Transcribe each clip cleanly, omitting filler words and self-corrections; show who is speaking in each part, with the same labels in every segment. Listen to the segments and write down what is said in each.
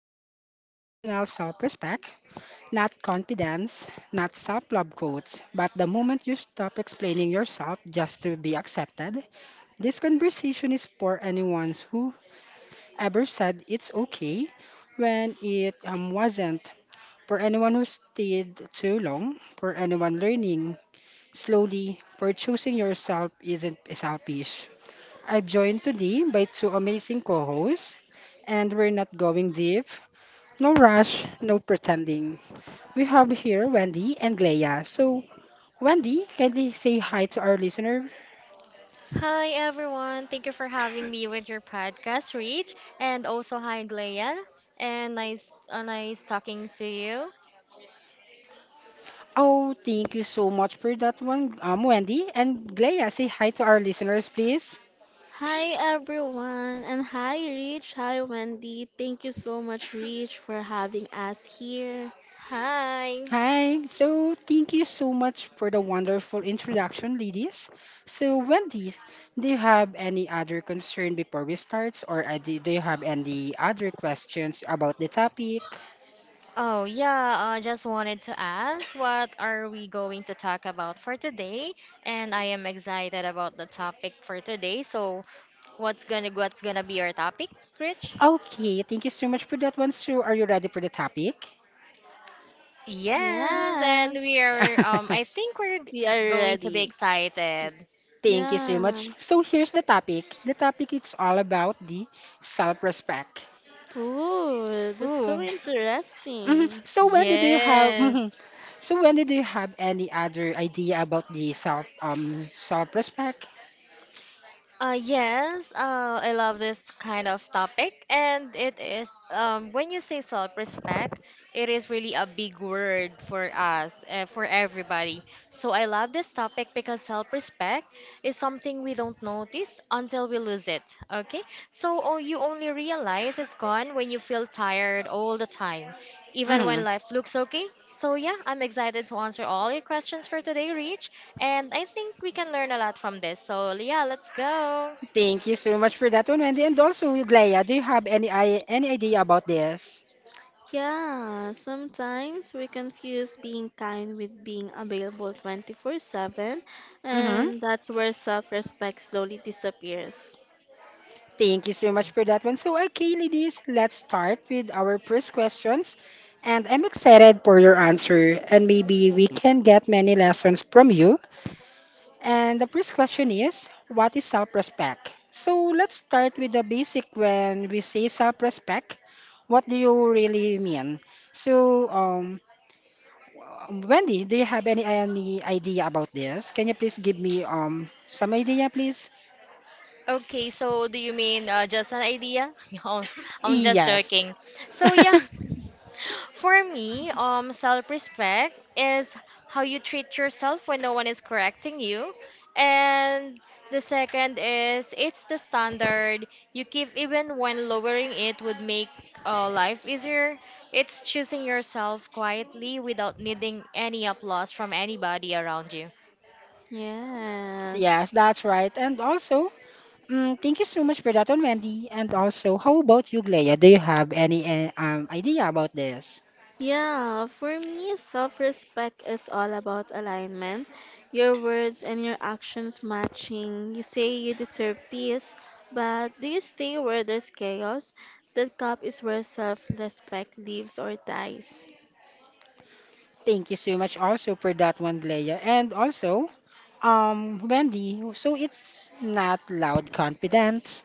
Speaker 1: and deeply personal self respect, not confidence, not self love quotes, but the moment you stop explaining yourself just to be accepted. This conversation is for anyone who ever said it's okay when it wasn't, for anyone who stayed too long, for anyone learning slowly, for choosing yourself isn't selfish. I'm joined today by two amazing co hosts, and we're not going deep. No rush, no pretending. We have here Wendy and Glea. So, Wendy, can you say hi to our listener?
Speaker 2: Hi everyone, thank you for having me with your podcast, Rich. And also hi Glea, and nice talking to you.
Speaker 1: Oh, thank you so much for that one, Wendy. And Glea, say hi to our listeners, please.
Speaker 3: Hi everyone, and hi Rich, hi Wendy. Thank you so much, Rich, for having us here.
Speaker 2: Hi.
Speaker 1: Hi, so thank you so much for the wonderful introduction, ladies. So, Wendy, do you have any other concern before we start, or do you have any other questions about the topic?
Speaker 2: Oh yeah, I just wanted to ask, what are we going to talk about for today? And I am excited about the topic for today. So, what's gonna be our topic, Rich?
Speaker 1: Okay, thank you so much for that one. So, are you ready for the topic?
Speaker 2: Yes, and
Speaker 3: Yes,
Speaker 2: we are. I think
Speaker 3: we are
Speaker 2: going to be
Speaker 3: ready.
Speaker 2: excited.
Speaker 1: Thank you so
Speaker 3: Yeah.
Speaker 1: much. So here's the topic. The topic it's all about the self-respect.
Speaker 3: Ooh, that's so
Speaker 2: Ooh,
Speaker 1: Mhm.
Speaker 3: interesting.
Speaker 1: So Wendy, do you have? Mhm.
Speaker 2: yes.
Speaker 1: So Wendy, do you have any other idea about the self-respect?
Speaker 2: Yes, I love this kind of topic, and it is when you say self-respect, it is really a big word for us, for everybody. So I love this topic because self-respect is something we don't notice until we lose it. Okay, so you only realize it's gone when you feel tired all the time even
Speaker 1: Hmm
Speaker 2: when life looks okay. So, yeah, I'm excited to answer all your questions for today, Rich. And I think we can learn a lot from this. So, yeah, let's go.
Speaker 1: Thank you so much for that one, Wendy. And also, Glaya, do you have any idea about this?
Speaker 3: Yeah, sometimes we confuse being kind with being available 24/7,
Speaker 1: Mm-hmm.
Speaker 3: and that's where self-respect slowly disappears.
Speaker 1: Thank you so much for that one. So, okay, ladies, let's start with our first questions. And I'm excited for your answer, and maybe we can get many lessons from you. And the first question is, what is self-respect? So, let's start with the basic. When we say self-respect, what do you really mean? So, um, Wendy, do you have any idea about this? Can you please give me some idea, please?
Speaker 2: Okay, so do you mean just an idea? No, I'm just
Speaker 1: Yes.
Speaker 2: joking. So, yeah. For me, self-respect is how you treat yourself when no one is correcting you. And the second is, it's the standard you keep even when lowering it would make life easier. It's choosing yourself quietly without needing any applause from anybody around you.
Speaker 1: Yes,
Speaker 3: Yes.
Speaker 1: that's right. And also, mm, thank you so much for that one, Wendy. And also, how about you, Glea? Do you have any idea about this?
Speaker 3: Yeah, for me, self respect is all about alignment. Your words and your actions matching. You say you deserve peace, but do you stay where there's chaos? That cup is where self respect lives or dies.
Speaker 1: Thank you so much also for that one, Glea. And also, Wendy, so it's not loud confidence.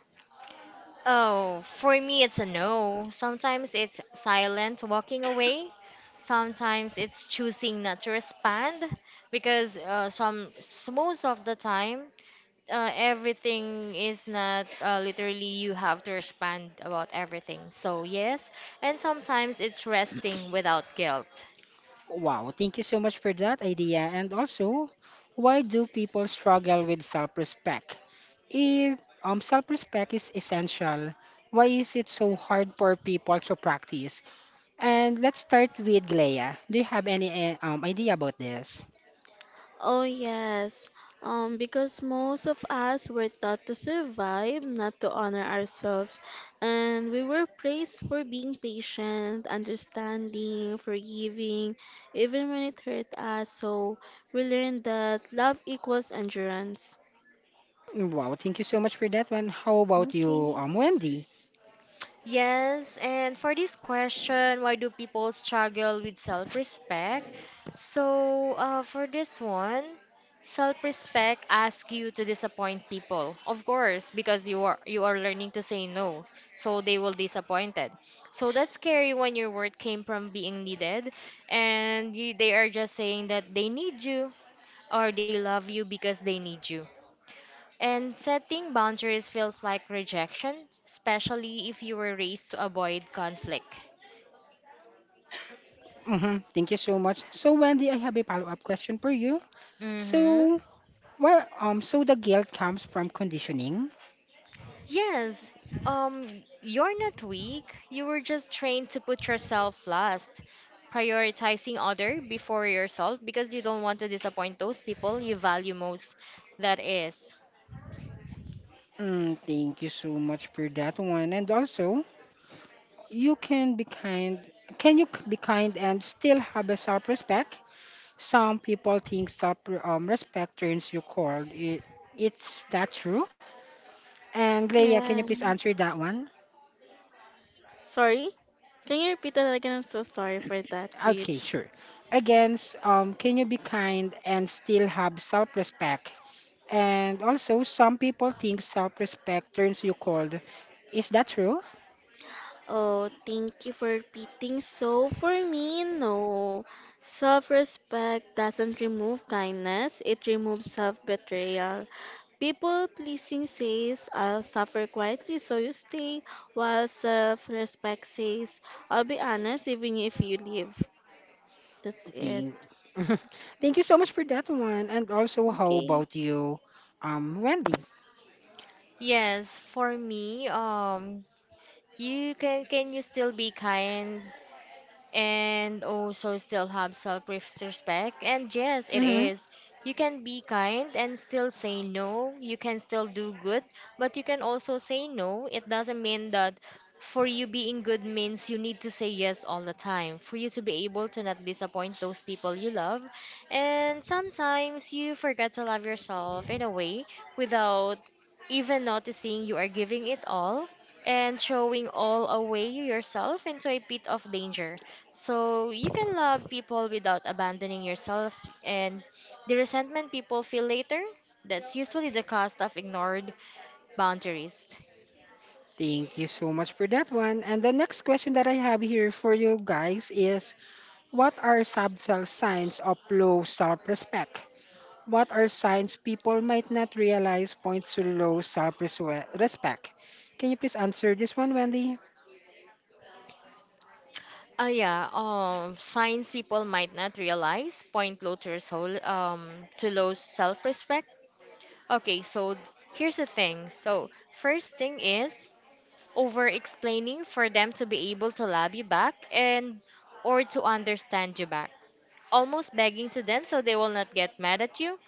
Speaker 2: Oh, for me, it's a no. Sometimes it's silent walking away. Sometimes it's choosing not to respond because most of the time, everything is not literally you have to respond about everything. So yes, and sometimes it's resting without guilt.
Speaker 1: Wow, thank you so much for that idea. And also, why do people struggle with self-respect? If self-respect is essential, why is it so hard for people to practice? And let's start with Glea. Do you have any idea about this?
Speaker 3: Oh, yes. Because most of us were taught to survive, not to honor ourselves. And we were praised for being patient, understanding, forgiving, even when it hurt us. So we learned that love equals endurance.
Speaker 1: Wow, thank you so much for that one. How about you,
Speaker 3: Okay.
Speaker 1: Wendy?
Speaker 2: Yes, and for this question, why do people struggle with self-respect? So, for this one, self-respect asks you to disappoint people, of course, because you are learning to say no, so they will disappointed. So that's scary when your word came from being needed, and you, they are just saying that they need you or they love you because they need you. And setting boundaries feels like rejection, especially if you were raised to avoid conflict.
Speaker 1: Mm-hmm, thank you so much. So, Wendy, I have a follow-up question for you.
Speaker 2: Mm-hmm.
Speaker 1: So, so the guilt comes from conditioning.
Speaker 2: Yes. You're not weak. You were just trained to put yourself last, prioritizing other before yourself because you don't want to disappoint those people you value most. That is.
Speaker 1: Mm, thank you so much for that one. And also, you can be kind. Can you be kind and still have a self-respect? Some people think self-respect turns you cold. It's that true? And Leia,
Speaker 3: Yeah.
Speaker 1: can you please answer that one?
Speaker 3: Sorry? Can you repeat that again? I'm so sorry for that,
Speaker 1: Okay,
Speaker 3: Rich.
Speaker 1: sure. Again, can you be kind and still have self-respect? And also, some people think self-respect turns you cold. Is that true?
Speaker 3: Oh, thank you for repeating. So, for me, no. Self respect doesn't remove kindness, it removes self betrayal. People pleasing says, I'll suffer quietly, so you stay, while self respect says, I'll be honest even if you leave. That's it.
Speaker 1: Thank, thank you so much for that one. And also, how
Speaker 3: Okay.
Speaker 1: about you, Wendy?
Speaker 2: Yes, for me, you can you still be kind and also still have self respect. And yes, it
Speaker 1: Hmm
Speaker 2: is. You can be kind and still say no. You can still do good, but you can also say no. It doesn't mean that for you being good means you need to say yes all the time for you to be able to not disappoint those people you love. And sometimes you forget to love yourself in a way without even noticing you are giving it all and throwing all away yourself into a pit of danger. So you can love people without abandoning yourself, and the resentment people feel later, that's usually the cost of ignored boundaries.
Speaker 1: Thank you so much for that one. And the next question that I have here for you guys is, what are subtle signs of low self-respect? What are signs people might not realize points to low self-respect? Can you please answer this one, Wendy?
Speaker 2: Yeah, signs people might not realize point low to soul, to low self-respect. Okay, so here's the thing. So first thing is over-explaining for them to be able to love you back and or to understand you back. Almost begging to them so they will not get mad at you.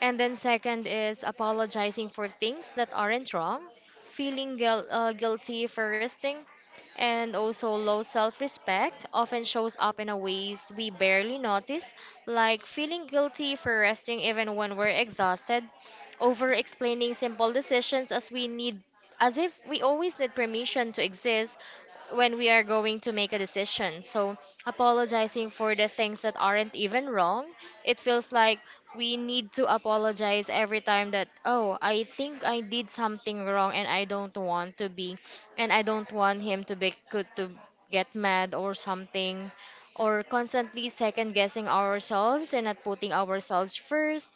Speaker 2: And then second is apologizing for things that aren't wrong, guilty for resting, and also low self-respect often shows up in a ways we barely notice, like feeling guilty for resting even when we're exhausted, over explaining simple decisions as we need, as if we always need permission to exist when we are going to make a decision. So, apologizing for the things that aren't even wrong, it feels like we need to apologize every time that, oh, I think I did something wrong and I don't want to be, and I don't want him to be could to get mad or something, or constantly second guessing ourselves and not putting ourselves first.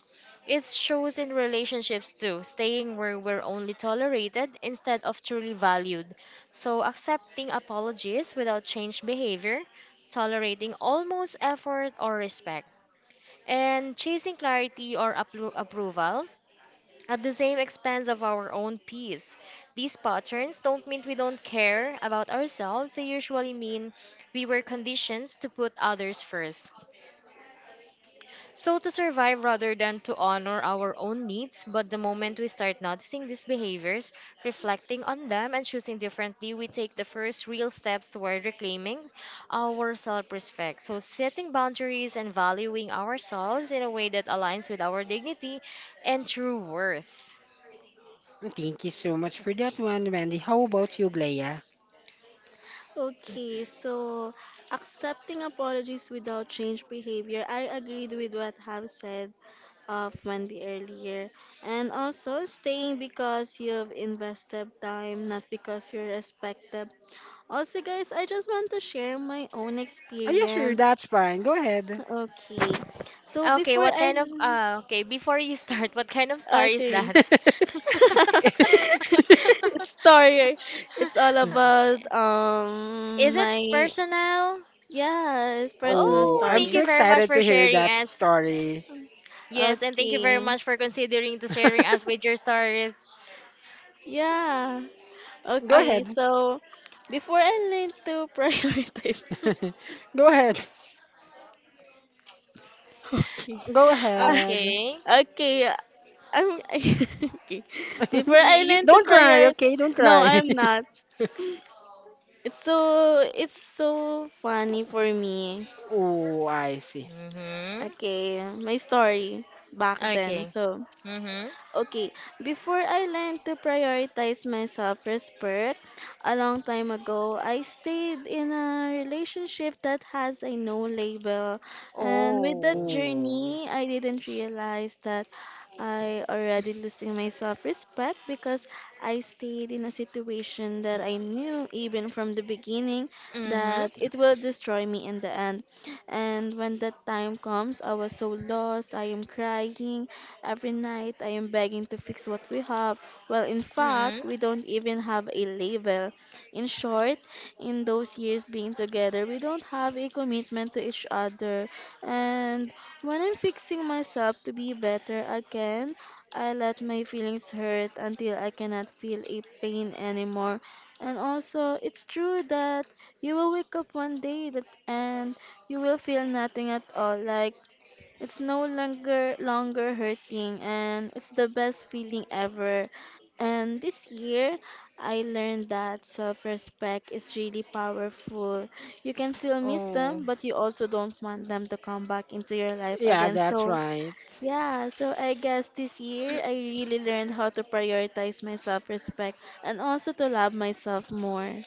Speaker 2: It shows in relationships too, staying where we're only tolerated instead of truly valued. So, accepting apologies without changed behavior, tolerating almost effort or respect, and chasing clarity or approval at the same expense of our own peace. These patterns don't mean we don't care about ourselves, they usually mean we were conditioned to put others first. So, to survive rather than to honor our own needs, but the moment we start noticing these behaviors, reflecting on them, and choosing differently, we take the first real steps toward reclaiming our self respect. So, setting boundaries and valuing ourselves in a way that aligns with our dignity and true worth.
Speaker 1: Thank you so much for that one, Wendy. How about you, Glea?
Speaker 3: Okay, so accepting apologies without change behavior. I agreed with what have said of Mandy earlier. And also staying because you've invested time, not because you're respected. Also, guys, I just want to share my own
Speaker 1: Oh, yeah, sure,
Speaker 3: experience.
Speaker 1: that's fine. Go ahead.
Speaker 3: Okay. So
Speaker 2: Okay,
Speaker 3: before
Speaker 2: what
Speaker 3: I,
Speaker 2: kind of, before you start, what kind of star is
Speaker 3: okay.
Speaker 2: that?
Speaker 3: It's story. It's all about
Speaker 2: Is it
Speaker 3: my,
Speaker 2: personal?
Speaker 3: yeah, personal
Speaker 1: Oh,
Speaker 2: Oh,
Speaker 1: I'm
Speaker 2: thank
Speaker 1: so
Speaker 3: story.
Speaker 2: you very much
Speaker 1: excited
Speaker 2: for
Speaker 1: to hear
Speaker 2: sharing
Speaker 1: that
Speaker 2: us.
Speaker 1: story.
Speaker 2: Yes, and thank you very
Speaker 3: Okay.
Speaker 2: much for considering to sharing us with your stories.
Speaker 3: Yeah.
Speaker 1: Go
Speaker 3: Okay,
Speaker 2: Okay.
Speaker 1: ahead.
Speaker 3: so before I learned to prioritize.
Speaker 1: Go ahead.
Speaker 3: Okay.
Speaker 1: Go
Speaker 3: Ah,
Speaker 1: ahead.
Speaker 2: Okay.
Speaker 3: okay. I'm, okay. Before
Speaker 2: You,
Speaker 3: I learn
Speaker 2: you
Speaker 3: to
Speaker 1: Don't cry,
Speaker 3: prioritize.
Speaker 1: okay? Don't
Speaker 3: No,
Speaker 1: cry.
Speaker 3: I'm not. It's so funny for me.
Speaker 1: Oh, I see.
Speaker 2: Mm-hmm.
Speaker 3: Okay, my story back then.
Speaker 2: Okay.
Speaker 3: So,
Speaker 2: Mm-hmm.
Speaker 3: okay, before I learned to prioritize my self-respect, a long time ago, I stayed in a relationship that has a no label. And with that
Speaker 2: Oh.
Speaker 1: Oh,
Speaker 3: journey, I didn't realize that I already losing my self-respect because I stayed in a situation that I knew even from the beginning
Speaker 2: Mm-hmm.
Speaker 3: that it will destroy me in the end. And when that time comes, I was so lost, I am crying. Every night I am begging to fix what we have, while in
Speaker 2: Mm-hmm.
Speaker 3: fact we don't even have a label. In short, in those years being together, we don't have a commitment to each other. And when I'm fixing myself to be better again, I let my feelings hurt until I cannot feel a pain anymore. And also, it's true that you will wake up one day that and you will feel nothing at all. Like it's no longer hurting and it's the best feeling ever. And this year I learned that self-respect is really powerful. You can still miss
Speaker 2: Oh.
Speaker 3: them, but you also don't want them to come back into your life
Speaker 1: yeah,
Speaker 3: again.
Speaker 1: that's
Speaker 3: So,
Speaker 1: right.
Speaker 3: yeah, so I guess this year I really learned how to prioritize my self-respect and also to love myself more.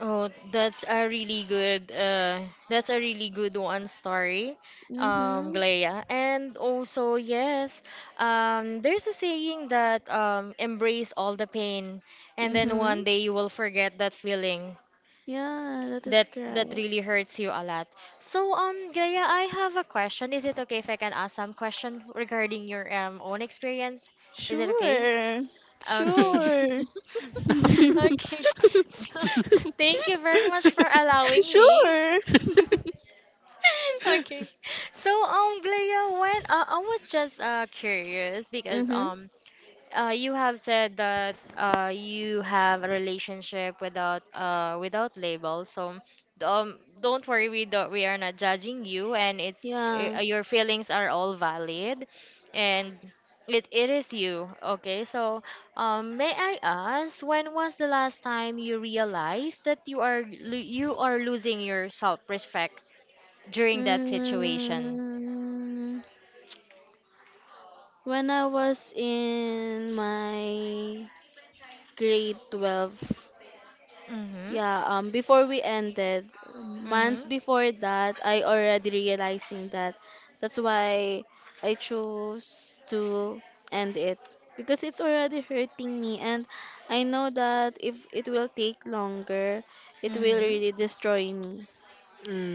Speaker 2: Oh, that's a really good that's a really good one story.
Speaker 3: Mhm.
Speaker 2: Glea. And also, yes, there's a saying that embrace all the pain, and then
Speaker 3: Mhm.
Speaker 2: one day you will forget that feeling.
Speaker 3: Yeah, that is
Speaker 2: That that
Speaker 3: correct.
Speaker 2: really hurts you a lot. So Gaya, I have a question. Is it okay if I can ask some question regarding your own experience? Is it okay?
Speaker 3: Sure.
Speaker 2: Okay.
Speaker 3: Sure.
Speaker 2: Okay. So thank you very much for allowing me.
Speaker 3: Sure.
Speaker 2: Okay. So Glaya, when I was just curious because
Speaker 3: Mm-hmm.
Speaker 2: you have said that you have a relationship without label. So don't worry, we don't, we are not judging you, and
Speaker 3: Yeah.
Speaker 2: your feelings are all valid, and it is you. Okay, so may I ask, when was the last time you realized that you are losing your self-respect during that situation?
Speaker 3: Mm, when I was in my grade 12.
Speaker 2: Mm-hmm.
Speaker 3: Yeah, before we ended, months
Speaker 2: Mm-hmm.
Speaker 3: before that, I already realizing that. That's why I chose to end it because it's already hurting me, and I know that if it will take longer, it will
Speaker 2: Mm-hmm.
Speaker 3: really destroy me.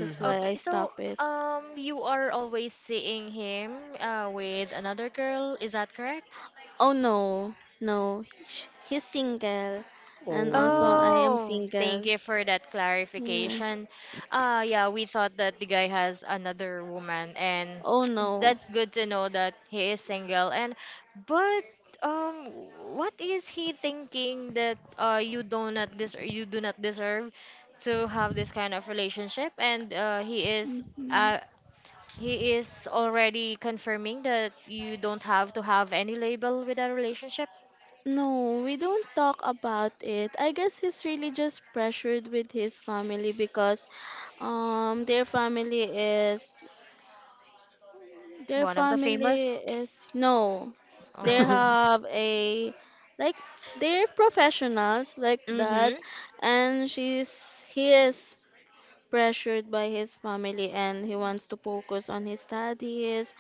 Speaker 3: That's why I
Speaker 2: Okay, so
Speaker 3: stop it.
Speaker 2: you are always seeing him with another girl, is that correct?
Speaker 3: Oh no, no, he's single, and also I
Speaker 1: Oh.
Speaker 3: am
Speaker 2: Oh, thank
Speaker 3: single.
Speaker 2: you for that
Speaker 3: Yeah.
Speaker 2: clarification. Yeah, we thought that the guy has another woman, and
Speaker 3: Oh no.
Speaker 2: that's good to know that he is single. And but um, what is he thinking that you do not des you do not deserve to have this kind of relationship, and he is
Speaker 3: Mhm.
Speaker 2: uh, he is already confirming that you don't have to have any label with a relationship.
Speaker 3: No, we don't talk about it. I guess he's really just pressured with his family because um their family is their
Speaker 2: One of the
Speaker 3: family
Speaker 2: famous.
Speaker 3: is no. They
Speaker 2: Um.
Speaker 3: have a like they're professionals like that,
Speaker 2: Mm-hmm.
Speaker 3: and she's he is pressured by his family and he wants to focus on his studies.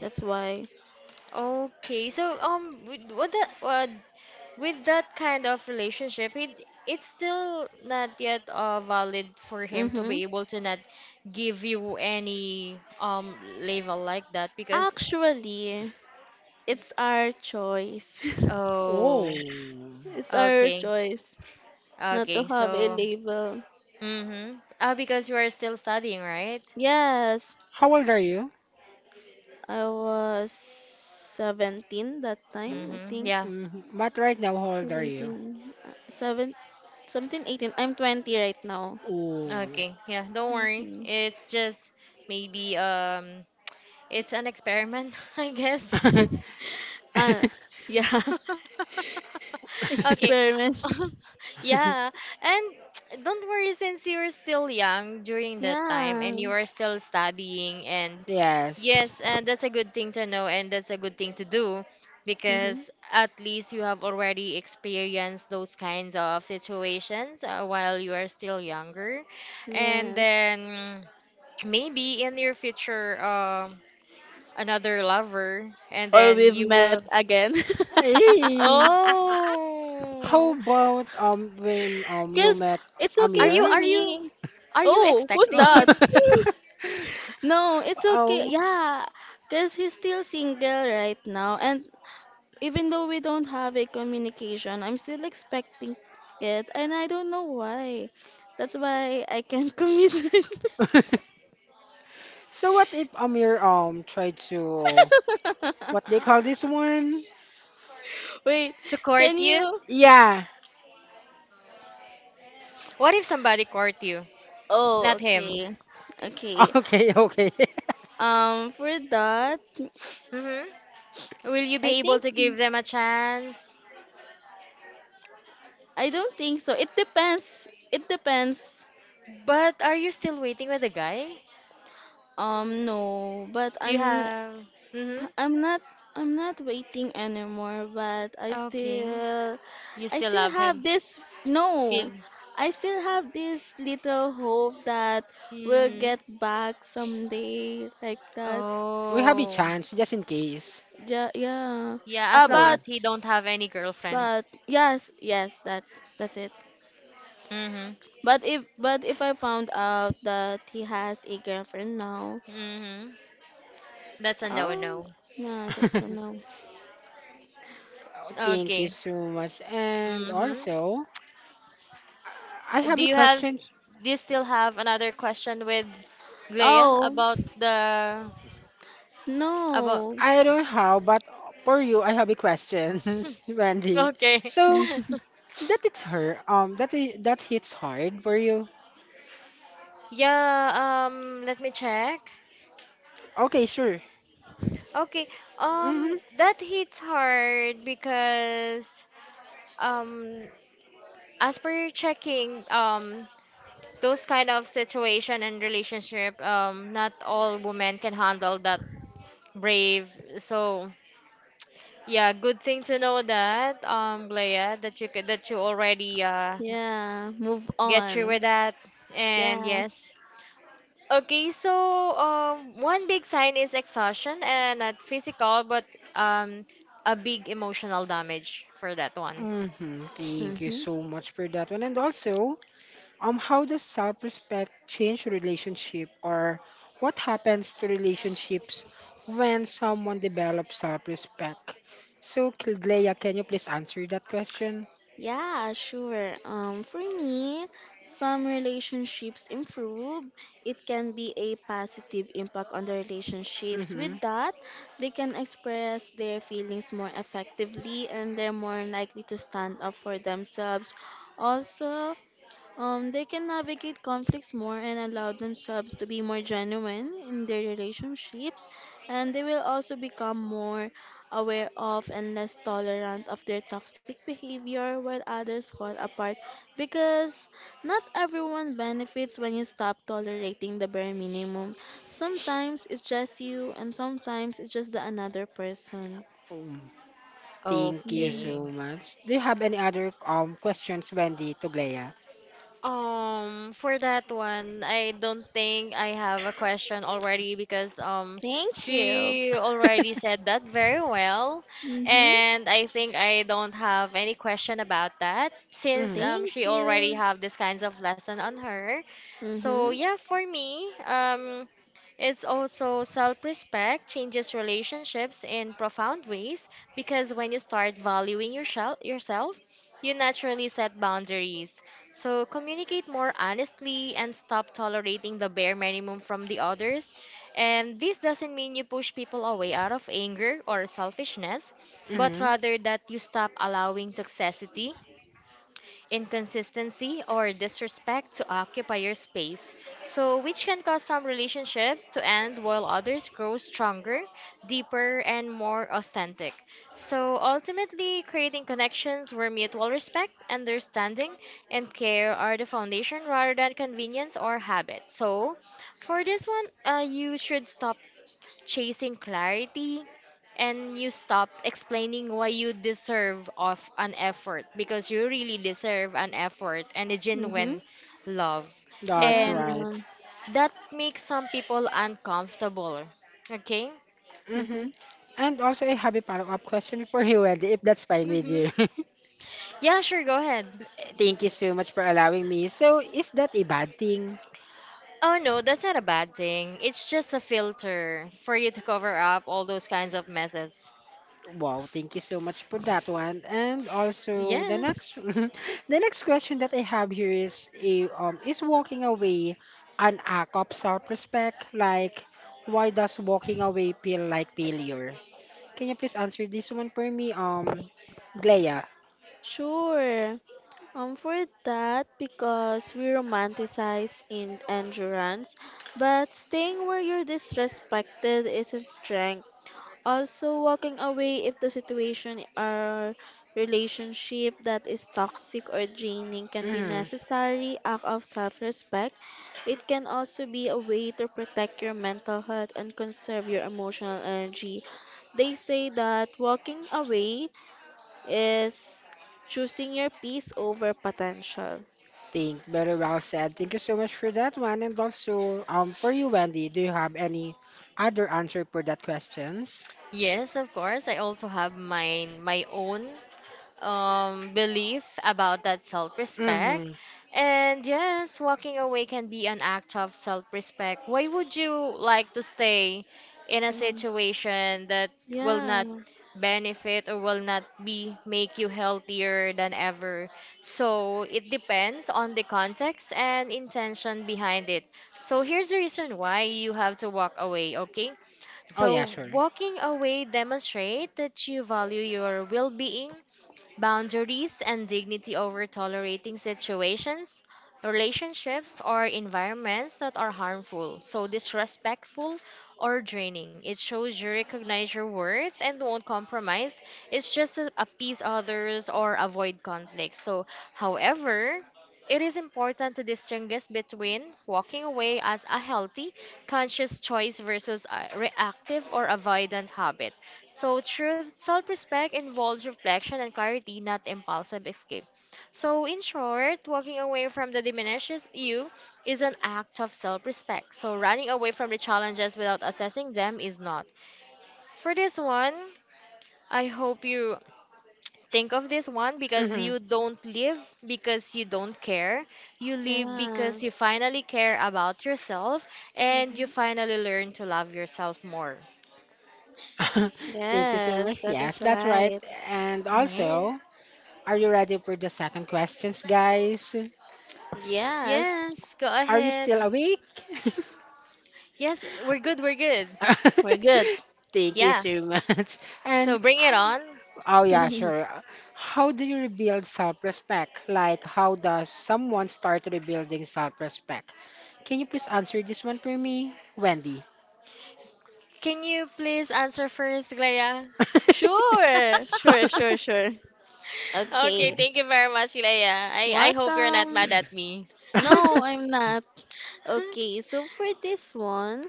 Speaker 3: That's why.
Speaker 2: Okay. So with that kind of relationship, it's still not yet valid for him to
Speaker 3: Mhm.
Speaker 2: be able to not give you any label like that because
Speaker 3: Actually, it's our choice.
Speaker 2: oh,
Speaker 1: Oh.
Speaker 3: It's our
Speaker 2: okay,
Speaker 3: choice not to
Speaker 2: okay,
Speaker 3: have a
Speaker 2: so
Speaker 3: label.
Speaker 2: mm-hmm, because you are still studying, right.
Speaker 3: Yes,
Speaker 1: How old are you?
Speaker 3: I was 17 that time, I
Speaker 2: Mm-hmm.
Speaker 3: think.
Speaker 2: Yeah.
Speaker 1: Mhm. But right now, how old are you?
Speaker 3: 17, 7, 17, 18. I'm 20 right now.
Speaker 1: Oh.
Speaker 2: Okay, yeah, don't worry.
Speaker 3: Okay.
Speaker 2: It's just maybe it's an experiment, I guess.
Speaker 3: Ah, yeah.
Speaker 2: Okay.
Speaker 3: Experiment.
Speaker 2: Yeah. And don't worry, since you're still young during that time
Speaker 3: Yeah.
Speaker 2: and you are still studying, and
Speaker 1: Yes.
Speaker 2: yes, and that's a good thing to know, and that's a good thing to do
Speaker 3: Hmm.
Speaker 2: because at least you have already experienced those kinds of situations while you are still younger. And
Speaker 3: Yes.
Speaker 2: then maybe in your future another lover, and
Speaker 3: Or
Speaker 2: then
Speaker 3: we've
Speaker 2: you
Speaker 3: met
Speaker 2: will
Speaker 3: again.
Speaker 1: Hey, how
Speaker 2: oh,
Speaker 1: about when you
Speaker 3: Because
Speaker 1: met
Speaker 3: it's okay
Speaker 2: are you
Speaker 3: for
Speaker 2: are
Speaker 1: Amir?
Speaker 2: you
Speaker 3: me.
Speaker 2: are you
Speaker 3: Oh, who's
Speaker 2: expecting him
Speaker 3: that? No, it's okay.
Speaker 1: Oh.
Speaker 3: Yeah, because he's still single right now. And even though we don't have a communication, I'm still expecting it. And I don't know why. That's why I can't commit right
Speaker 1: So what if Amir tried to
Speaker 3: now.
Speaker 1: what they call this one?
Speaker 3: Wait,
Speaker 2: to
Speaker 3: can
Speaker 2: court you?
Speaker 3: you?
Speaker 1: Yeah.
Speaker 2: What if somebody court you,
Speaker 3: Oh,
Speaker 2: not him?
Speaker 3: okay. Okay.
Speaker 1: Okay, okay.
Speaker 3: For that,
Speaker 2: Mm-hmm. Will you
Speaker 3: I
Speaker 2: be able
Speaker 3: think
Speaker 2: to give them a chance?
Speaker 3: I don't think so. It depends.
Speaker 2: But are you still waiting with the guy?
Speaker 3: No, but
Speaker 2: Do you have, mm-hmm,
Speaker 3: I'm not I'm not waiting anymore, but I
Speaker 2: okay,
Speaker 3: still
Speaker 2: you
Speaker 3: I
Speaker 2: still
Speaker 3: still
Speaker 2: love him,
Speaker 3: have this. No.
Speaker 2: feel,
Speaker 3: I still have this little hope that we'll
Speaker 2: mm-hmm,
Speaker 3: get back someday, like that.
Speaker 1: We have a
Speaker 2: oh
Speaker 1: chance just in case.
Speaker 3: Yeah, yeah.
Speaker 2: yeah, as
Speaker 3: Ah,
Speaker 2: long
Speaker 1: Oh.
Speaker 3: but
Speaker 2: as he don't have any girlfriends.
Speaker 3: but yes, yes, that's it.
Speaker 2: Mm-hmm.
Speaker 3: But if I found out that he has a girlfriend now,
Speaker 2: Mm-hmm. That's a
Speaker 3: oh,
Speaker 2: no-no.
Speaker 3: nah, that's a no.
Speaker 1: Oh, thank you
Speaker 2: Okay.
Speaker 1: so much. And
Speaker 2: Mm-hmm.
Speaker 1: also, I
Speaker 2: Do
Speaker 1: have a
Speaker 2: you have,
Speaker 1: question.
Speaker 2: do you still have another question with Glea
Speaker 3: Oh,
Speaker 2: about the, about,
Speaker 3: no.
Speaker 1: I don't have, but for you, I have a question, Randy.
Speaker 2: okay.
Speaker 1: So, that it's her. That hits hard for you.
Speaker 2: Yeah, let me check.
Speaker 1: Okay, sure.
Speaker 2: Okay,
Speaker 1: Mhm.
Speaker 2: that hits hard because, um, as per checking, those kind of situation and relationship, not all women can handle that brave. So, yeah, good thing to know that, Glea, that you could, that you already
Speaker 3: Yeah, move
Speaker 2: get through
Speaker 3: on.
Speaker 2: with that. And
Speaker 3: Yeah.
Speaker 2: yes. Okay, so one big sign is exhaustion, and not physical but um a big emotional damage for that one.
Speaker 1: Mhm. Thank you
Speaker 3: Mm-hmm.
Speaker 1: so much for that one. And also, how does self-respect change relationship, or what happens to relationships when someone develops self-respect? So, Kilglea, can you please answer that question?
Speaker 3: Yeah, sure. For me, some relationships improve. It can be a positive impact on the relationships. With
Speaker 1: Mhm.
Speaker 3: that, they can express their feelings more effectively and they're more likely to stand up for themselves. Also, they can navigate conflicts more and allow themselves to be more genuine in their relationships, and they will also become more aware of and less tolerant of their toxic behavior while others fall apart because not everyone benefits when you stop tolerating the bare minimum. Sometimes it's just you, and sometimes it's just the another person.
Speaker 1: Um, thank you
Speaker 3: Mm.
Speaker 2: Okay.
Speaker 1: so much. Do you have any other questions, Wendy, to Glea?
Speaker 2: For that one, I don't think I have a question already because
Speaker 3: Thank you.
Speaker 2: she already said that very well,
Speaker 3: Mhm.
Speaker 2: and I think I don't have any question about that since
Speaker 1: Mm-hmm.
Speaker 3: Thank
Speaker 2: she already
Speaker 3: you.
Speaker 2: have these kinds of lesson on her. So
Speaker 3: Mhm.
Speaker 2: yeah, for me, it's also self-respect changes relationships in profound ways because when you start valuing yourself, you naturally set boundaries so communicate more honestly and stop tolerating the bare minimum from the others. And this doesn't mean you push people away out of anger or selfishness, but
Speaker 1: Mm-hmm.
Speaker 2: rather that you stop allowing toxicity, inconsistency, or disrespect to occupy your space, so which can cause some relationships to end while others grow stronger, deeper, and more authentic. So ultimately, creating connections where mutual respect, understanding, and care are the foundation rather than convenience or habit. So for this one, you should stop chasing clarity and you stop explaining why you deserve of an effort, because you really deserve an effort and a
Speaker 3: Mhm.
Speaker 2: genuine love,
Speaker 1: That's
Speaker 3: Yeah.
Speaker 2: and
Speaker 1: right.
Speaker 2: that makes some people uncomfortable, okay.
Speaker 1: Mm-hmm.
Speaker 3: Mm-hmm.
Speaker 1: And also I have a follow-up question for you, Wendy, if that's fine with you.
Speaker 2: Mm-hmm. Yeah, sure, go ahead.
Speaker 1: Thank you so much for allowing me. So, is that a bad thing?
Speaker 2: Oh no, that's not a bad thing, it's just a filter for you to cover up all those kinds of messes.
Speaker 1: Wow, thank you so much for that one. And also the next
Speaker 2: Yes.
Speaker 1: the next question that I have here is a is walking away an act of self-respect? Like why does walking away feel like failure? Can you please answer this one for me, Glea?
Speaker 3: Sure. For that, because we romanticize in endurance, but staying where you're disrespected isn't strength. Also, walking away if the situation or relationship that is toxic or draining can be necessary act of self-respect. It can also be a way to protect your mental health and conserve your emotional energy. They say that walking away is choosing your peace over potential.
Speaker 1: Think very well said. Thank you so much for that one. And also, for you, Wendy, do you have any other answer for that questions?
Speaker 2: Yes, of course. I also have mine, my own belief about that self respect.
Speaker 1: Mm-hmm.
Speaker 2: And yes, walking away can be an act of self respect. Why would you like to stay in a
Speaker 3: Mm,
Speaker 2: situation that will
Speaker 3: yeah,
Speaker 2: not benefit or will not be make you healthier than ever? So it depends on the context and intention behind it. So here's the reason why you have to walk away, okay?
Speaker 1: Oh yeah,
Speaker 2: So
Speaker 1: sure.
Speaker 2: walking away demonstrate that you value your well-being, boundaries and dignity over tolerating situations, relationships, or environments that are harmful, so disrespectful or draining. It shows you recognize your worth and won't compromise. It's just to appease others or avoid conflict. So, however, it is important to distinguish between walking away as a healthy, conscious choice versus a reactive or avoidant habit. So, true self respect involves reflection and clarity, not impulsive escape. So, in short, walking away from the diminishes you is an act of self respect. So, running away from the challenges without assessing them is not. For this one, I hope you think of this one because
Speaker 1: Mm-hmm.
Speaker 2: you don't live because you don't care. You live
Speaker 3: yeah.
Speaker 2: because you finally care about yourself and you
Speaker 3: Hmm.
Speaker 2: finally learn to love yourself more.
Speaker 1: Thank you so
Speaker 3: Yes,
Speaker 1: much.
Speaker 3: that is
Speaker 1: Yes, that's right.
Speaker 3: right.
Speaker 1: And
Speaker 2: Yes.
Speaker 1: also, are you ready for the second questions, guys?
Speaker 3: Yes,
Speaker 2: Yes, go
Speaker 1: Are you
Speaker 2: ahead.
Speaker 1: still awake?
Speaker 2: Yes, we're good, we're good.
Speaker 3: we're good.
Speaker 1: Thank you
Speaker 2: Yeah,
Speaker 1: so much.
Speaker 2: so
Speaker 1: And
Speaker 2: bring it on.
Speaker 1: oh yeah, sure. How do you rebuild self-respect? Like, how does someone start rebuilding self-respect? Can you please answer this one for me, Wendy?
Speaker 2: Can you please answer first, Glaya?
Speaker 3: Sure, sure, sure, sure.
Speaker 2: Okay,
Speaker 3: Okay,
Speaker 2: thank you very much, Glaya. I hope you're not
Speaker 3: welcome.
Speaker 2: mad at me.
Speaker 3: No, I'm not. Okay, so for this one,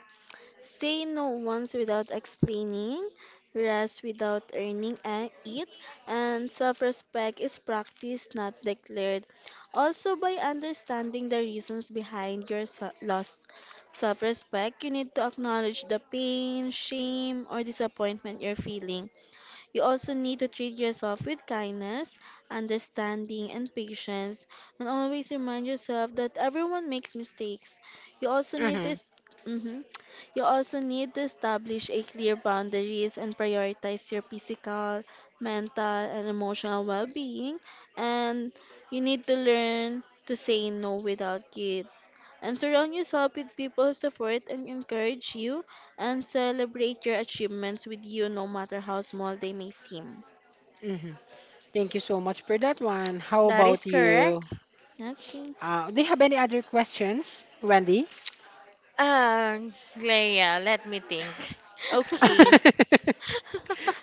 Speaker 3: say no once without explaining, rest without it, and self respect is practiced, not declared. Also, by understanding the reasons behind your lost self respect, you need to acknowledge the pain, shame, or disappointment you're feeling. You also need to treat yourself with kindness, understanding, and patience, and always remind yourself that everyone makes mistakes. You also need to
Speaker 1: hmm
Speaker 3: s- Mhm. You also need to establish a clear boundaries and prioritize your physical, mental, and emotional well-being. And you need to learn to say no without guilt and surround yourself with people who support and encourage you and celebrate your achievements with you no matter how small they may seem.
Speaker 1: hmm Thank you so much for that one. How
Speaker 2: That is
Speaker 1: about you?
Speaker 2: correct.
Speaker 3: Okay.
Speaker 1: Do you have any other questions, Wendy?
Speaker 2: Glaya, let me think.
Speaker 3: Okay.
Speaker 1: but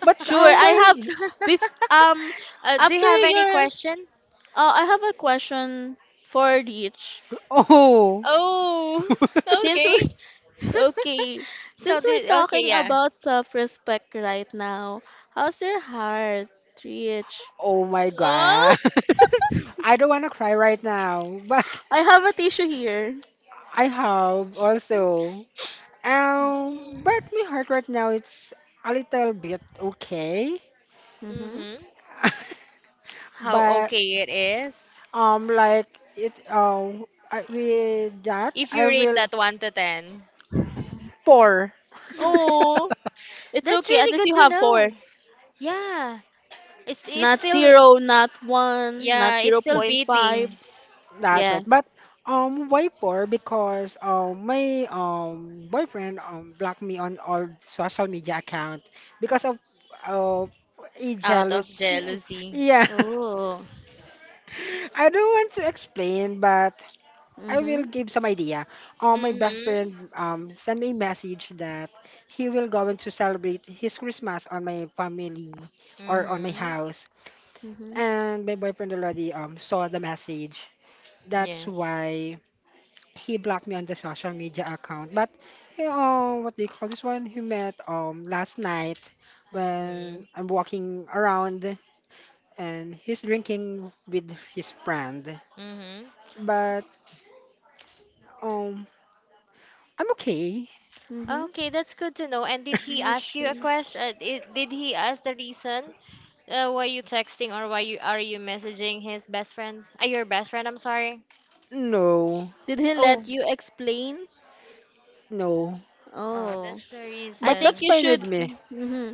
Speaker 3: Sure. I have
Speaker 1: while
Speaker 2: So-
Speaker 3: bef-
Speaker 2: do you
Speaker 3: after
Speaker 2: have any
Speaker 3: your
Speaker 2: question?
Speaker 3: I have a question for Rich.
Speaker 1: oh
Speaker 2: Oh,
Speaker 3: Since
Speaker 2: okay.
Speaker 3: we're okay,
Speaker 2: So,
Speaker 3: since we're
Speaker 2: okay,
Speaker 3: talking
Speaker 2: yeah.
Speaker 3: about self-respect right now, how's your heart, Rich?
Speaker 1: oh my
Speaker 2: Oh.
Speaker 1: god, I don't want to cry right now. But
Speaker 3: I have a tissue here.
Speaker 1: I have also but my heart right now it's a little bit okay.
Speaker 3: Mhm.
Speaker 2: Mm-hmm. How
Speaker 1: But
Speaker 2: okay it is.
Speaker 1: Um, like it. With that,
Speaker 2: If you
Speaker 1: I
Speaker 2: rate
Speaker 1: will
Speaker 2: that 1 to 10.
Speaker 1: pour.
Speaker 3: Oh, it's
Speaker 2: That's
Speaker 3: okay. At
Speaker 2: really
Speaker 3: least
Speaker 2: good
Speaker 3: you
Speaker 2: to
Speaker 3: have four.
Speaker 2: know. Yeah. It's
Speaker 3: Not
Speaker 2: still.
Speaker 3: zero, not one, not
Speaker 2: Yeah, it's
Speaker 3: zero
Speaker 2: still
Speaker 3: point
Speaker 2: beating
Speaker 3: 0.5.
Speaker 1: That's
Speaker 3: Yeah.
Speaker 1: right. But why poor? Because my boyfriend blocked me on all social media account because of a
Speaker 2: out of
Speaker 1: jealous.
Speaker 2: jealousy.
Speaker 1: Yeah,
Speaker 3: Oh.
Speaker 1: I don't want to explain, but I will
Speaker 3: Hmm.
Speaker 1: give some idea. My best
Speaker 2: Mm-hmm.
Speaker 1: friend sent me a message that he will going to celebrate his Christmas on my family or on my
Speaker 2: Mm-hmm.
Speaker 1: house.
Speaker 3: Hmm.
Speaker 1: And my boyfriend already saw the message. That's
Speaker 2: Yes.
Speaker 1: why he blocked me on the social media account. But you know, what do you call this one? He met last night
Speaker 2: Mm-hmm.
Speaker 1: when I'm walking around and he's drinking with his friend.
Speaker 2: Mm-hmm.
Speaker 1: But um, I'm okay.
Speaker 3: Hmm.
Speaker 2: Okay, that's good to know. And did he
Speaker 3: You
Speaker 2: ask you a
Speaker 3: should.
Speaker 2: question? Did he ask the reason why you texting or why you are you messaging his best friend? Your best friend, I'm sorry.
Speaker 1: No.
Speaker 3: Did he
Speaker 2: Oh,
Speaker 3: let you explain?
Speaker 1: No,
Speaker 3: Oh.
Speaker 2: that's the
Speaker 3: I
Speaker 1: but
Speaker 3: think
Speaker 1: that's
Speaker 2: reason.
Speaker 3: you
Speaker 1: fine with
Speaker 3: should.
Speaker 1: me.
Speaker 3: Hmm.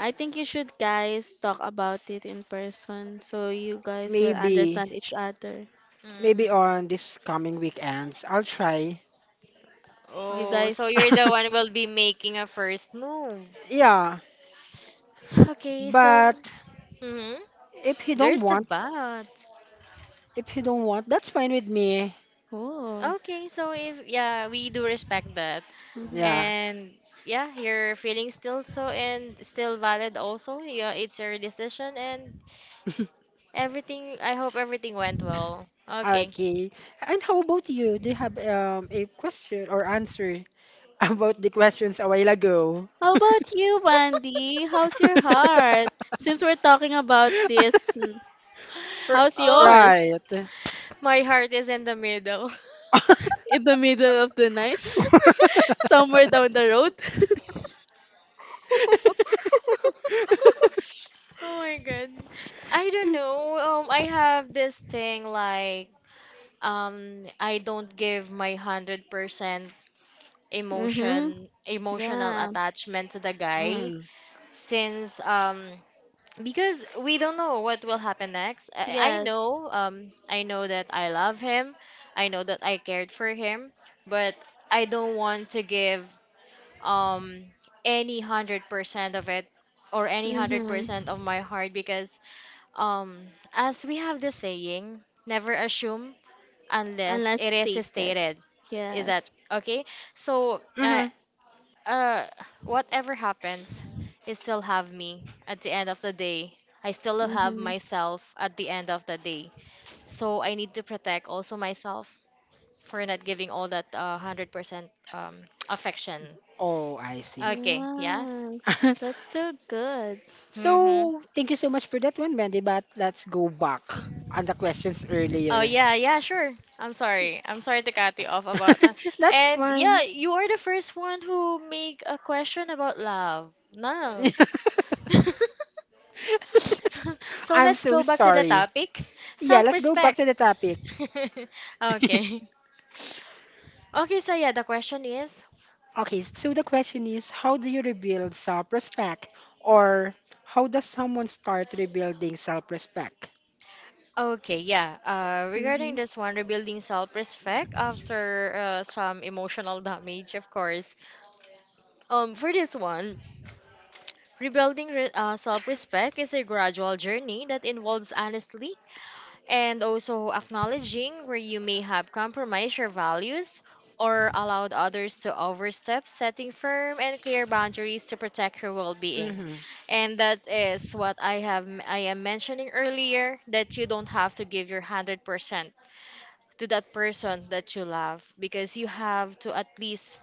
Speaker 3: I think you should guys talk about it in person so you guys will
Speaker 1: Maybe,
Speaker 3: understand each other.
Speaker 1: maybe
Speaker 2: Hmm.
Speaker 1: on this coming weekends, I'll try.
Speaker 3: You
Speaker 2: Oh, so
Speaker 3: guys.
Speaker 2: you're the one who will be making a first move.
Speaker 1: Yeah,
Speaker 2: Okay, so.
Speaker 1: but
Speaker 2: Hmm,
Speaker 1: if he don't
Speaker 2: there's the
Speaker 1: want,
Speaker 2: but.
Speaker 1: if he don't want, that's fine with me.
Speaker 3: Oh.
Speaker 2: Okay, so if yeah, we do respect that.
Speaker 3: Hmm.
Speaker 1: Yeah.
Speaker 2: And yeah, your feelings still so and still valid also. Yeah, it's your decision, and everything, I hope everything went well. Okay.
Speaker 1: Okay. And how about you? Do you have a question or answer about the questions a while ago?
Speaker 3: How about you, Wendy? How's your heart? Since we're talking about this,
Speaker 1: R-
Speaker 3: how's
Speaker 2: Oh,
Speaker 3: yours?
Speaker 1: Right.
Speaker 2: my heart is in the middle.
Speaker 3: In the middle of the night, somewhere down the road.
Speaker 2: Oh my god. I don't know. I have this thing like I don't give my 100%
Speaker 3: Mm-hmm.
Speaker 2: emotional
Speaker 3: Yeah.
Speaker 2: attachment to the guy
Speaker 1: Mm.
Speaker 2: since because we don't know what will happen next. I
Speaker 3: Yes.
Speaker 2: know I know that I love him. I know that I cared for him, but I don't want to give um any 100% of it or any
Speaker 3: Mm-hmm.
Speaker 2: 100% of my heart because um as we have the saying, never assume unless
Speaker 3: Unless
Speaker 2: it is
Speaker 3: stated.
Speaker 2: stated. Is that
Speaker 3: Yes.
Speaker 2: okay? So
Speaker 1: hmm
Speaker 2: uh whatever happens, you still have me at the end of the day, I still have
Speaker 3: Mm-hmm.
Speaker 2: myself at the end of the day, so I need to protect also myself for not giving all that 100% affection,
Speaker 1: Oh, I see.
Speaker 2: okay, yeah.
Speaker 3: Yes. That's so good.
Speaker 2: Mhm.
Speaker 1: So, thank you so much for that one, Mandy. But let's go back on the questions
Speaker 2: Oh
Speaker 1: earlier.
Speaker 2: yeah, yeah, sure. I'm sorry. I'm sorry to cut you off about that.
Speaker 1: That's
Speaker 2: And
Speaker 1: fine.
Speaker 2: yeah, you are the first one who make a question about love. No. So
Speaker 1: I'm
Speaker 2: let's
Speaker 1: so
Speaker 2: go back to the
Speaker 1: sorry.
Speaker 2: topic.
Speaker 1: Yeah, let's go back
Speaker 2: Self-respect.
Speaker 1: to the topic.
Speaker 2: Okay. Okay, so yeah, the question is
Speaker 1: Okay, so the question is how do you rebuild self respect? Or how does someone start rebuilding self respect?
Speaker 2: okay, yeah. Regarding
Speaker 3: Mm-hmm.
Speaker 2: this one, rebuilding self-respect after some emotional damage, of course. For this one, self respect is a gradual journey that involves honesty and also acknowledging where you may have compromised your values or allowed others to overstep, setting firm and clear boundaries to protect your well being.
Speaker 1: Hmm
Speaker 2: And that is what I am mentioning earlier, that you don't have to give your 100% to that person that you love because you have to at least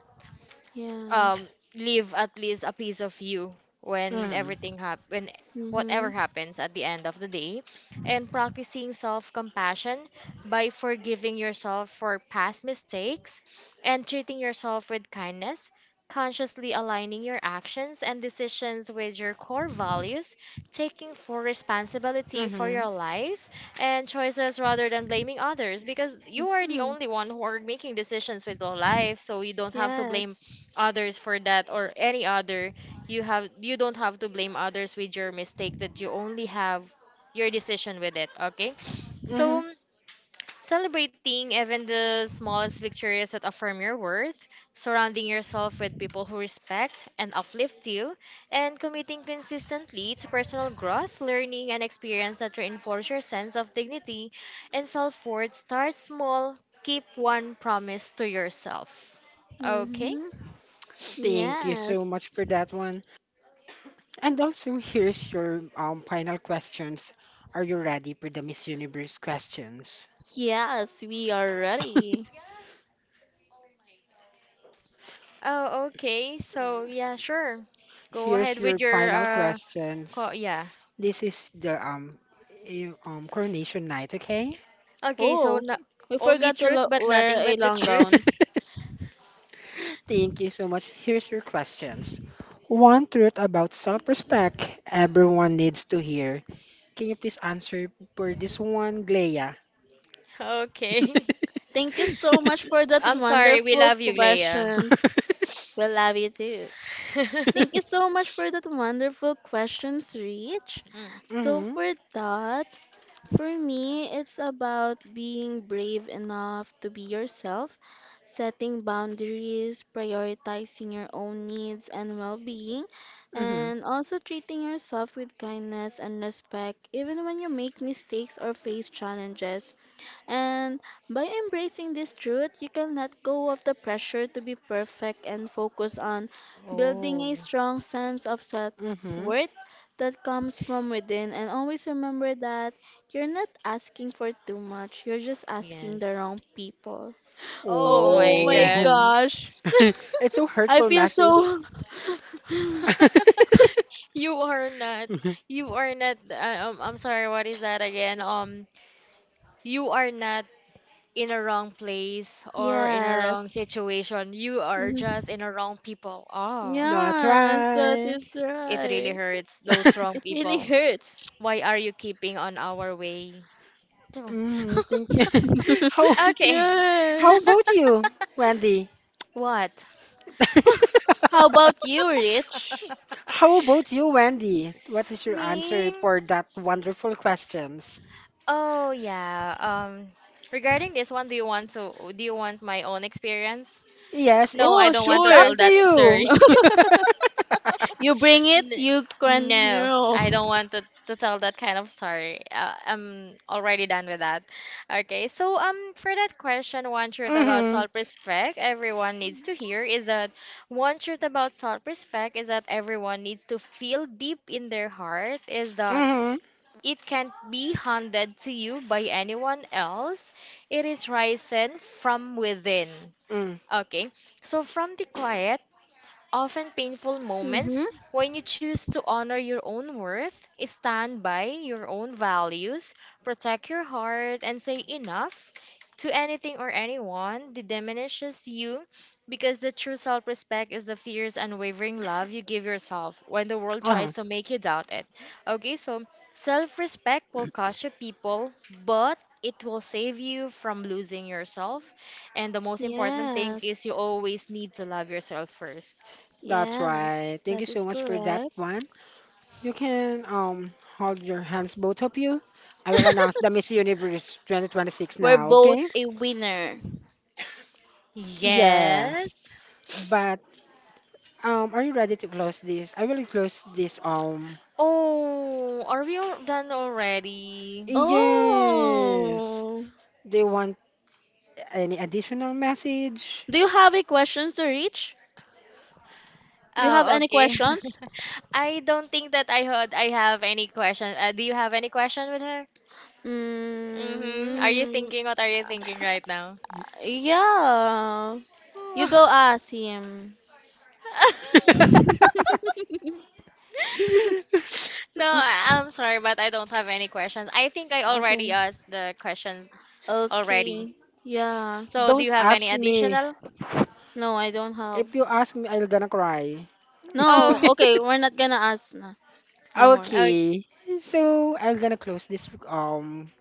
Speaker 3: Yeah.
Speaker 2: um leave at least a piece of you when
Speaker 1: Mm-hmm.
Speaker 2: everything hap when whatever
Speaker 3: Mm-hmm.
Speaker 2: happens at the end of the day, and practicing self-compassion by forgiving yourself for past mistakes and treating yourself with kindness, consciously aligning your actions and decisions with your core values, taking full responsibility for
Speaker 1: Mm-hmm.
Speaker 2: your life and choices rather than blaming others, because you are the
Speaker 3: Mm-hmm.
Speaker 2: only one who are making decisions with your life, so you don't have to blame
Speaker 3: Yes.
Speaker 2: others for that or any other. You don't have to blame others with your mistake that you only have your decision with it, okay?
Speaker 1: Mm-hmm.
Speaker 2: So celebrating even the smallest victories that affirm your worth, surrounding yourself with people who respect and uplift you, and committing consistently to personal growth, learning and experience that reinforce your sense of dignity and self-worth. Start small, keep one promise to yourself, okay?
Speaker 3: Mm-hmm.
Speaker 1: Thank you so much
Speaker 3: Yes,
Speaker 1: for that one. And also, here's your final questions. Are you ready for the Miss Universe questions?
Speaker 3: Yes, we are ready.
Speaker 2: Oh, okay. So, yeah, sure. Go
Speaker 1: Here's
Speaker 2: ahead with
Speaker 1: your
Speaker 2: your
Speaker 1: final questions.
Speaker 2: co yeah.
Speaker 1: This is the coronation night, okay?
Speaker 2: Okay, so
Speaker 3: Oh,
Speaker 2: no
Speaker 3: we
Speaker 2: only
Speaker 3: forgot to
Speaker 2: truth but
Speaker 3: wear
Speaker 2: nothing
Speaker 3: a
Speaker 2: but the
Speaker 3: long
Speaker 2: truth.
Speaker 3: gown.
Speaker 1: Thank you so much. Here's your questions. One truth about self-respect everyone needs to hear. Can you please answer for this one, Glea?
Speaker 2: Okay.
Speaker 3: Thank you so much
Speaker 2: S
Speaker 3: for that
Speaker 2: I'm sorry. We
Speaker 3: wonderful
Speaker 2: love you, Leia.
Speaker 3: questions. We love you too. Thank you so much for that wonderful questions, Rich.
Speaker 2: Mm.
Speaker 3: So
Speaker 1: Mhm.
Speaker 3: for that, for me, it's about being brave enough to be yourself, setting boundaries, prioritizing your own needs and well-being,
Speaker 1: Mhm.
Speaker 3: and also treating yourself with kindness and respect, even when you make mistakes or face challenges. And by embracing this truth, you can let go of the pressure to be perfect and focus on building
Speaker 2: Oh,
Speaker 3: a strong sense of self
Speaker 1: Mhm.
Speaker 3: worth that comes from within. And always remember that you're not asking for too much, you're just asking the
Speaker 2: yes.
Speaker 3: wrong people.
Speaker 2: Oh
Speaker 3: Oh
Speaker 2: my
Speaker 3: my
Speaker 2: God.
Speaker 1: Oh.
Speaker 3: gosh,
Speaker 1: It's a
Speaker 3: I
Speaker 1: hurtful
Speaker 3: feel
Speaker 1: message.
Speaker 3: so.
Speaker 2: You are not. You are not. I'm sorry. What is that again? You are not in a wrong place or in a wrong
Speaker 3: Yes.
Speaker 2: situation. You are just
Speaker 3: Mhm.
Speaker 2: in a wrong people. Oh,
Speaker 1: Not
Speaker 3: Yes, that
Speaker 1: right.
Speaker 3: is
Speaker 2: it really
Speaker 3: right.
Speaker 2: hurts those wrong
Speaker 3: It really
Speaker 2: people.
Speaker 3: hurts.
Speaker 2: Why are you keeping on our way? Oh,
Speaker 1: Mhm. Thank you. How
Speaker 2: okay.
Speaker 1: how
Speaker 3: Yes.
Speaker 1: about you, Wendy?
Speaker 2: What?
Speaker 3: How about you, Rich?
Speaker 1: How about you, Wendy? What is your answer
Speaker 2: Ming?
Speaker 1: for that wonderful questions?
Speaker 2: Oh yeah. Um, regarding this one, do you want my own experience?
Speaker 1: Yes, it,
Speaker 2: No, I
Speaker 3: Oh,
Speaker 2: don't want
Speaker 1: it's
Speaker 2: to
Speaker 1: up
Speaker 3: sure.
Speaker 2: tell
Speaker 1: to
Speaker 2: that, sir.
Speaker 1: you.
Speaker 3: You bring it,
Speaker 2: N-
Speaker 3: you can
Speaker 2: No,
Speaker 3: know.
Speaker 2: I don't want to tell that kind of story. I'm already done with that. Okay, so for that question, one truth about
Speaker 1: Mhm.
Speaker 2: self-respect everyone needs to hear is that one truth about self-respect is that everyone needs to feel deep in their heart is that
Speaker 1: Mhm.
Speaker 2: it can't be handed to you by anyone else. It is risen from within.
Speaker 1: Mm.
Speaker 2: Okay, so from the quiet often painful
Speaker 3: Mm-hmm.
Speaker 2: moments when you choose to honor your own worth, stand by your own values, protect your heart, and say enough to anything or anyone that diminishes you, because the true self respect is the fierce, unwavering love you give yourself when the world
Speaker 1: Uh-huh.
Speaker 2: tries to make you doubt it. Okay, so self respect will cost you people, but it will save you from losing yourself. And the most important thing is you
Speaker 3: Yes.
Speaker 2: always need to love yourself first.
Speaker 1: That's
Speaker 3: Yes.
Speaker 1: right. Thank you
Speaker 3: That
Speaker 1: so
Speaker 3: is
Speaker 1: much for that
Speaker 3: correct.
Speaker 1: one. You can hold your hands, both of you. I will announce the Miss Universe 2026
Speaker 3: We're
Speaker 1: now,
Speaker 3: both
Speaker 1: okay?
Speaker 3: a winner.
Speaker 1: Yes.
Speaker 2: Yes.
Speaker 1: But are you ready to close this? I will close this
Speaker 2: Oh, are we all done already?
Speaker 1: yes.
Speaker 3: Oh.
Speaker 1: They want any additional message?
Speaker 3: Do you have any questions to Rich? Do you have
Speaker 2: Oh,
Speaker 3: any
Speaker 2: okay.
Speaker 3: questions?
Speaker 2: I don't think that I heard I have any question. Do you have any question with her? Mm-hmm. Are you
Speaker 3: Mm,
Speaker 2: thinking? What are you thinking right now?
Speaker 3: yeah. You go ask him.
Speaker 2: No, I'm sorry, but I don't have any questions. I think I already
Speaker 3: Okay.
Speaker 2: asked the questions
Speaker 3: Okay.
Speaker 2: already.
Speaker 3: Yeah.
Speaker 2: So, do
Speaker 1: Don't
Speaker 2: you have any
Speaker 1: ask me.
Speaker 2: additional?
Speaker 3: No, I don't have.
Speaker 1: If you ask me, I'm gonna cry.
Speaker 3: No.
Speaker 2: Oh,
Speaker 3: Okay, we're not gonna ask na anymore.
Speaker 2: uh,
Speaker 1: Okay, so I'm gonna close this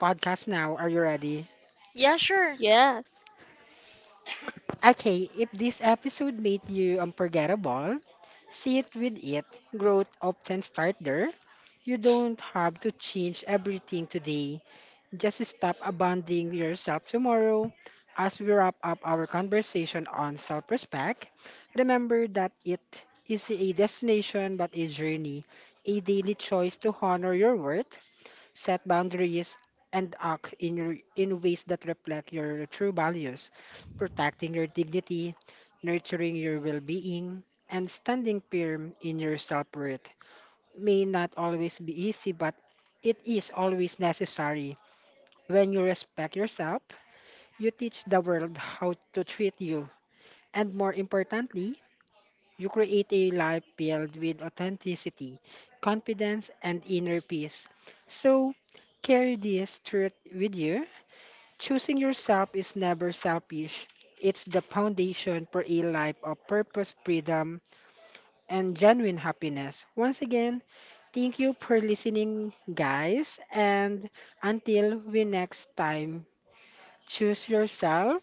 Speaker 1: podcast now. Are you ready?
Speaker 2: yeah, sure.
Speaker 3: Yes.
Speaker 1: Okay, if this episode made you unforgettable, see it with it. Growth often starts there. You don't have to change everything today. Just stop abandoning yourself tomorrow. As we wrap up our conversation on self respect, remember that it is a destination but a journey, a daily choice to honor your worth set boundaries, and act in ways that reflect your true values, protecting your dignity, nurturing your well being, and standing firm in your self worth may not always be easy, but it is always necessary. When you respect yourself, you teach the world how to treat you, and more importantly, you create a life filled with authenticity, confidence, and inner peace. So, carry this truth with you. Choosing yourself is never selfish. It's the foundation for a life of purpose, freedom, and genuine happiness. Once again, thank you for listening, guys. And until we next time, choose yourself.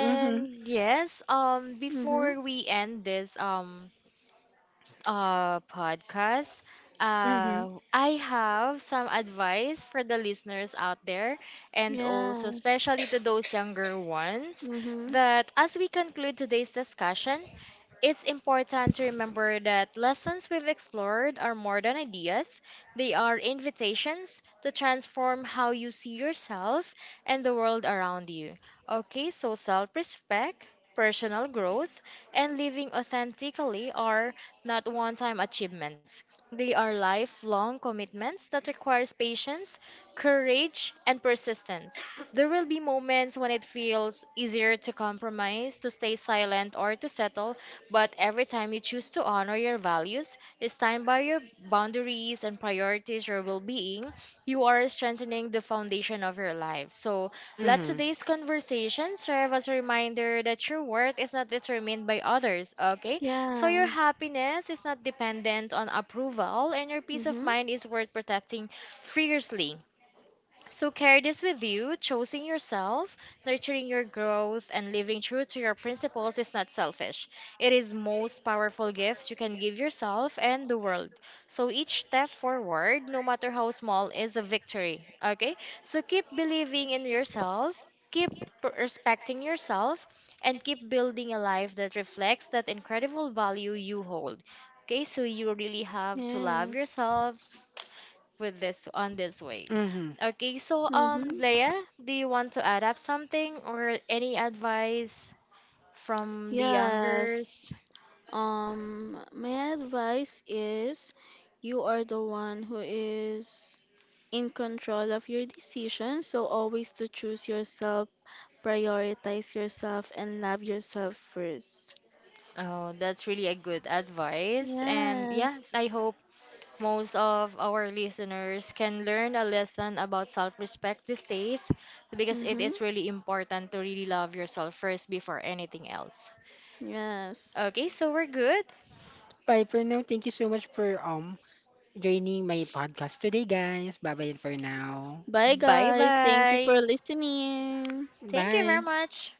Speaker 1: Mm-hmm.
Speaker 2: yes,
Speaker 3: Mm-hmm.
Speaker 2: before we end this podcast,
Speaker 1: Mm-hmm.
Speaker 2: I have some advice for the listeners out there, and also
Speaker 3: Yes.
Speaker 2: especially to those younger ones,
Speaker 3: Mm-hmm.
Speaker 2: that as we conclude today's discussion, it's important to remember that lessons we've explored are more than ideas, they are invitations to transform how you see yourself and the world around you. Okay, so self respect, personal growth, and living authentically are not one time achievements. They are lifelong commitments that requires patience, courage, and persistence. There will be moments when it feels easier to compromise, to stay silent, or to settle, but every time you choose to honor your values, stand by your boundaries and prioritize your well being, you are strengthening the foundation of your life. So let
Speaker 1: Mm-hmm.
Speaker 2: today's conversation serve as a reminder that your worth is not determined by others, okay? So your
Speaker 3: Yeah.
Speaker 2: happiness is not dependent on approval and your peace of
Speaker 3: Mm-hmm.
Speaker 2: mind is worth protecting fiercely. So carry this with you. Choosing yourself, nurturing your growth, and living true to your principles is not selfish. It is most powerful gift you can give yourself and the world. So each step forward, no matter how small, is a victory. Okay? So keep believing in yourself, keep respecting yourself, and keep building a life that reflects that incredible value you hold. Okay, so you really have to love
Speaker 3: Yes.
Speaker 2: yourself, with this on this way.
Speaker 1: Mm-hmm.
Speaker 2: Okay, so
Speaker 3: Mm-hmm.
Speaker 2: Leia, do you want to add up something or any advice from the
Speaker 3: Yes.
Speaker 2: youngers?
Speaker 3: My advice is you are the one who is in control of your decisions, so always to choose yourself, prioritize yourself, and love yourself first.
Speaker 2: Oh, that's really a good advice. And yeah, I
Speaker 3: Yes.
Speaker 2: hope most of our listeners can learn a lesson about self-respect these days because it
Speaker 3: Mm-hmm.
Speaker 2: is really important to really love yourself first before anything else.
Speaker 3: Yes.
Speaker 2: Okay, so we're good.
Speaker 1: Bye for now. Thank you so much for joining my podcast today, guys. Bye bye for now.
Speaker 3: Bye,
Speaker 2: Bye
Speaker 3: guys. Thank you
Speaker 2: bye.
Speaker 3: for listening.
Speaker 2: Thank you
Speaker 1: Bye.
Speaker 2: very much.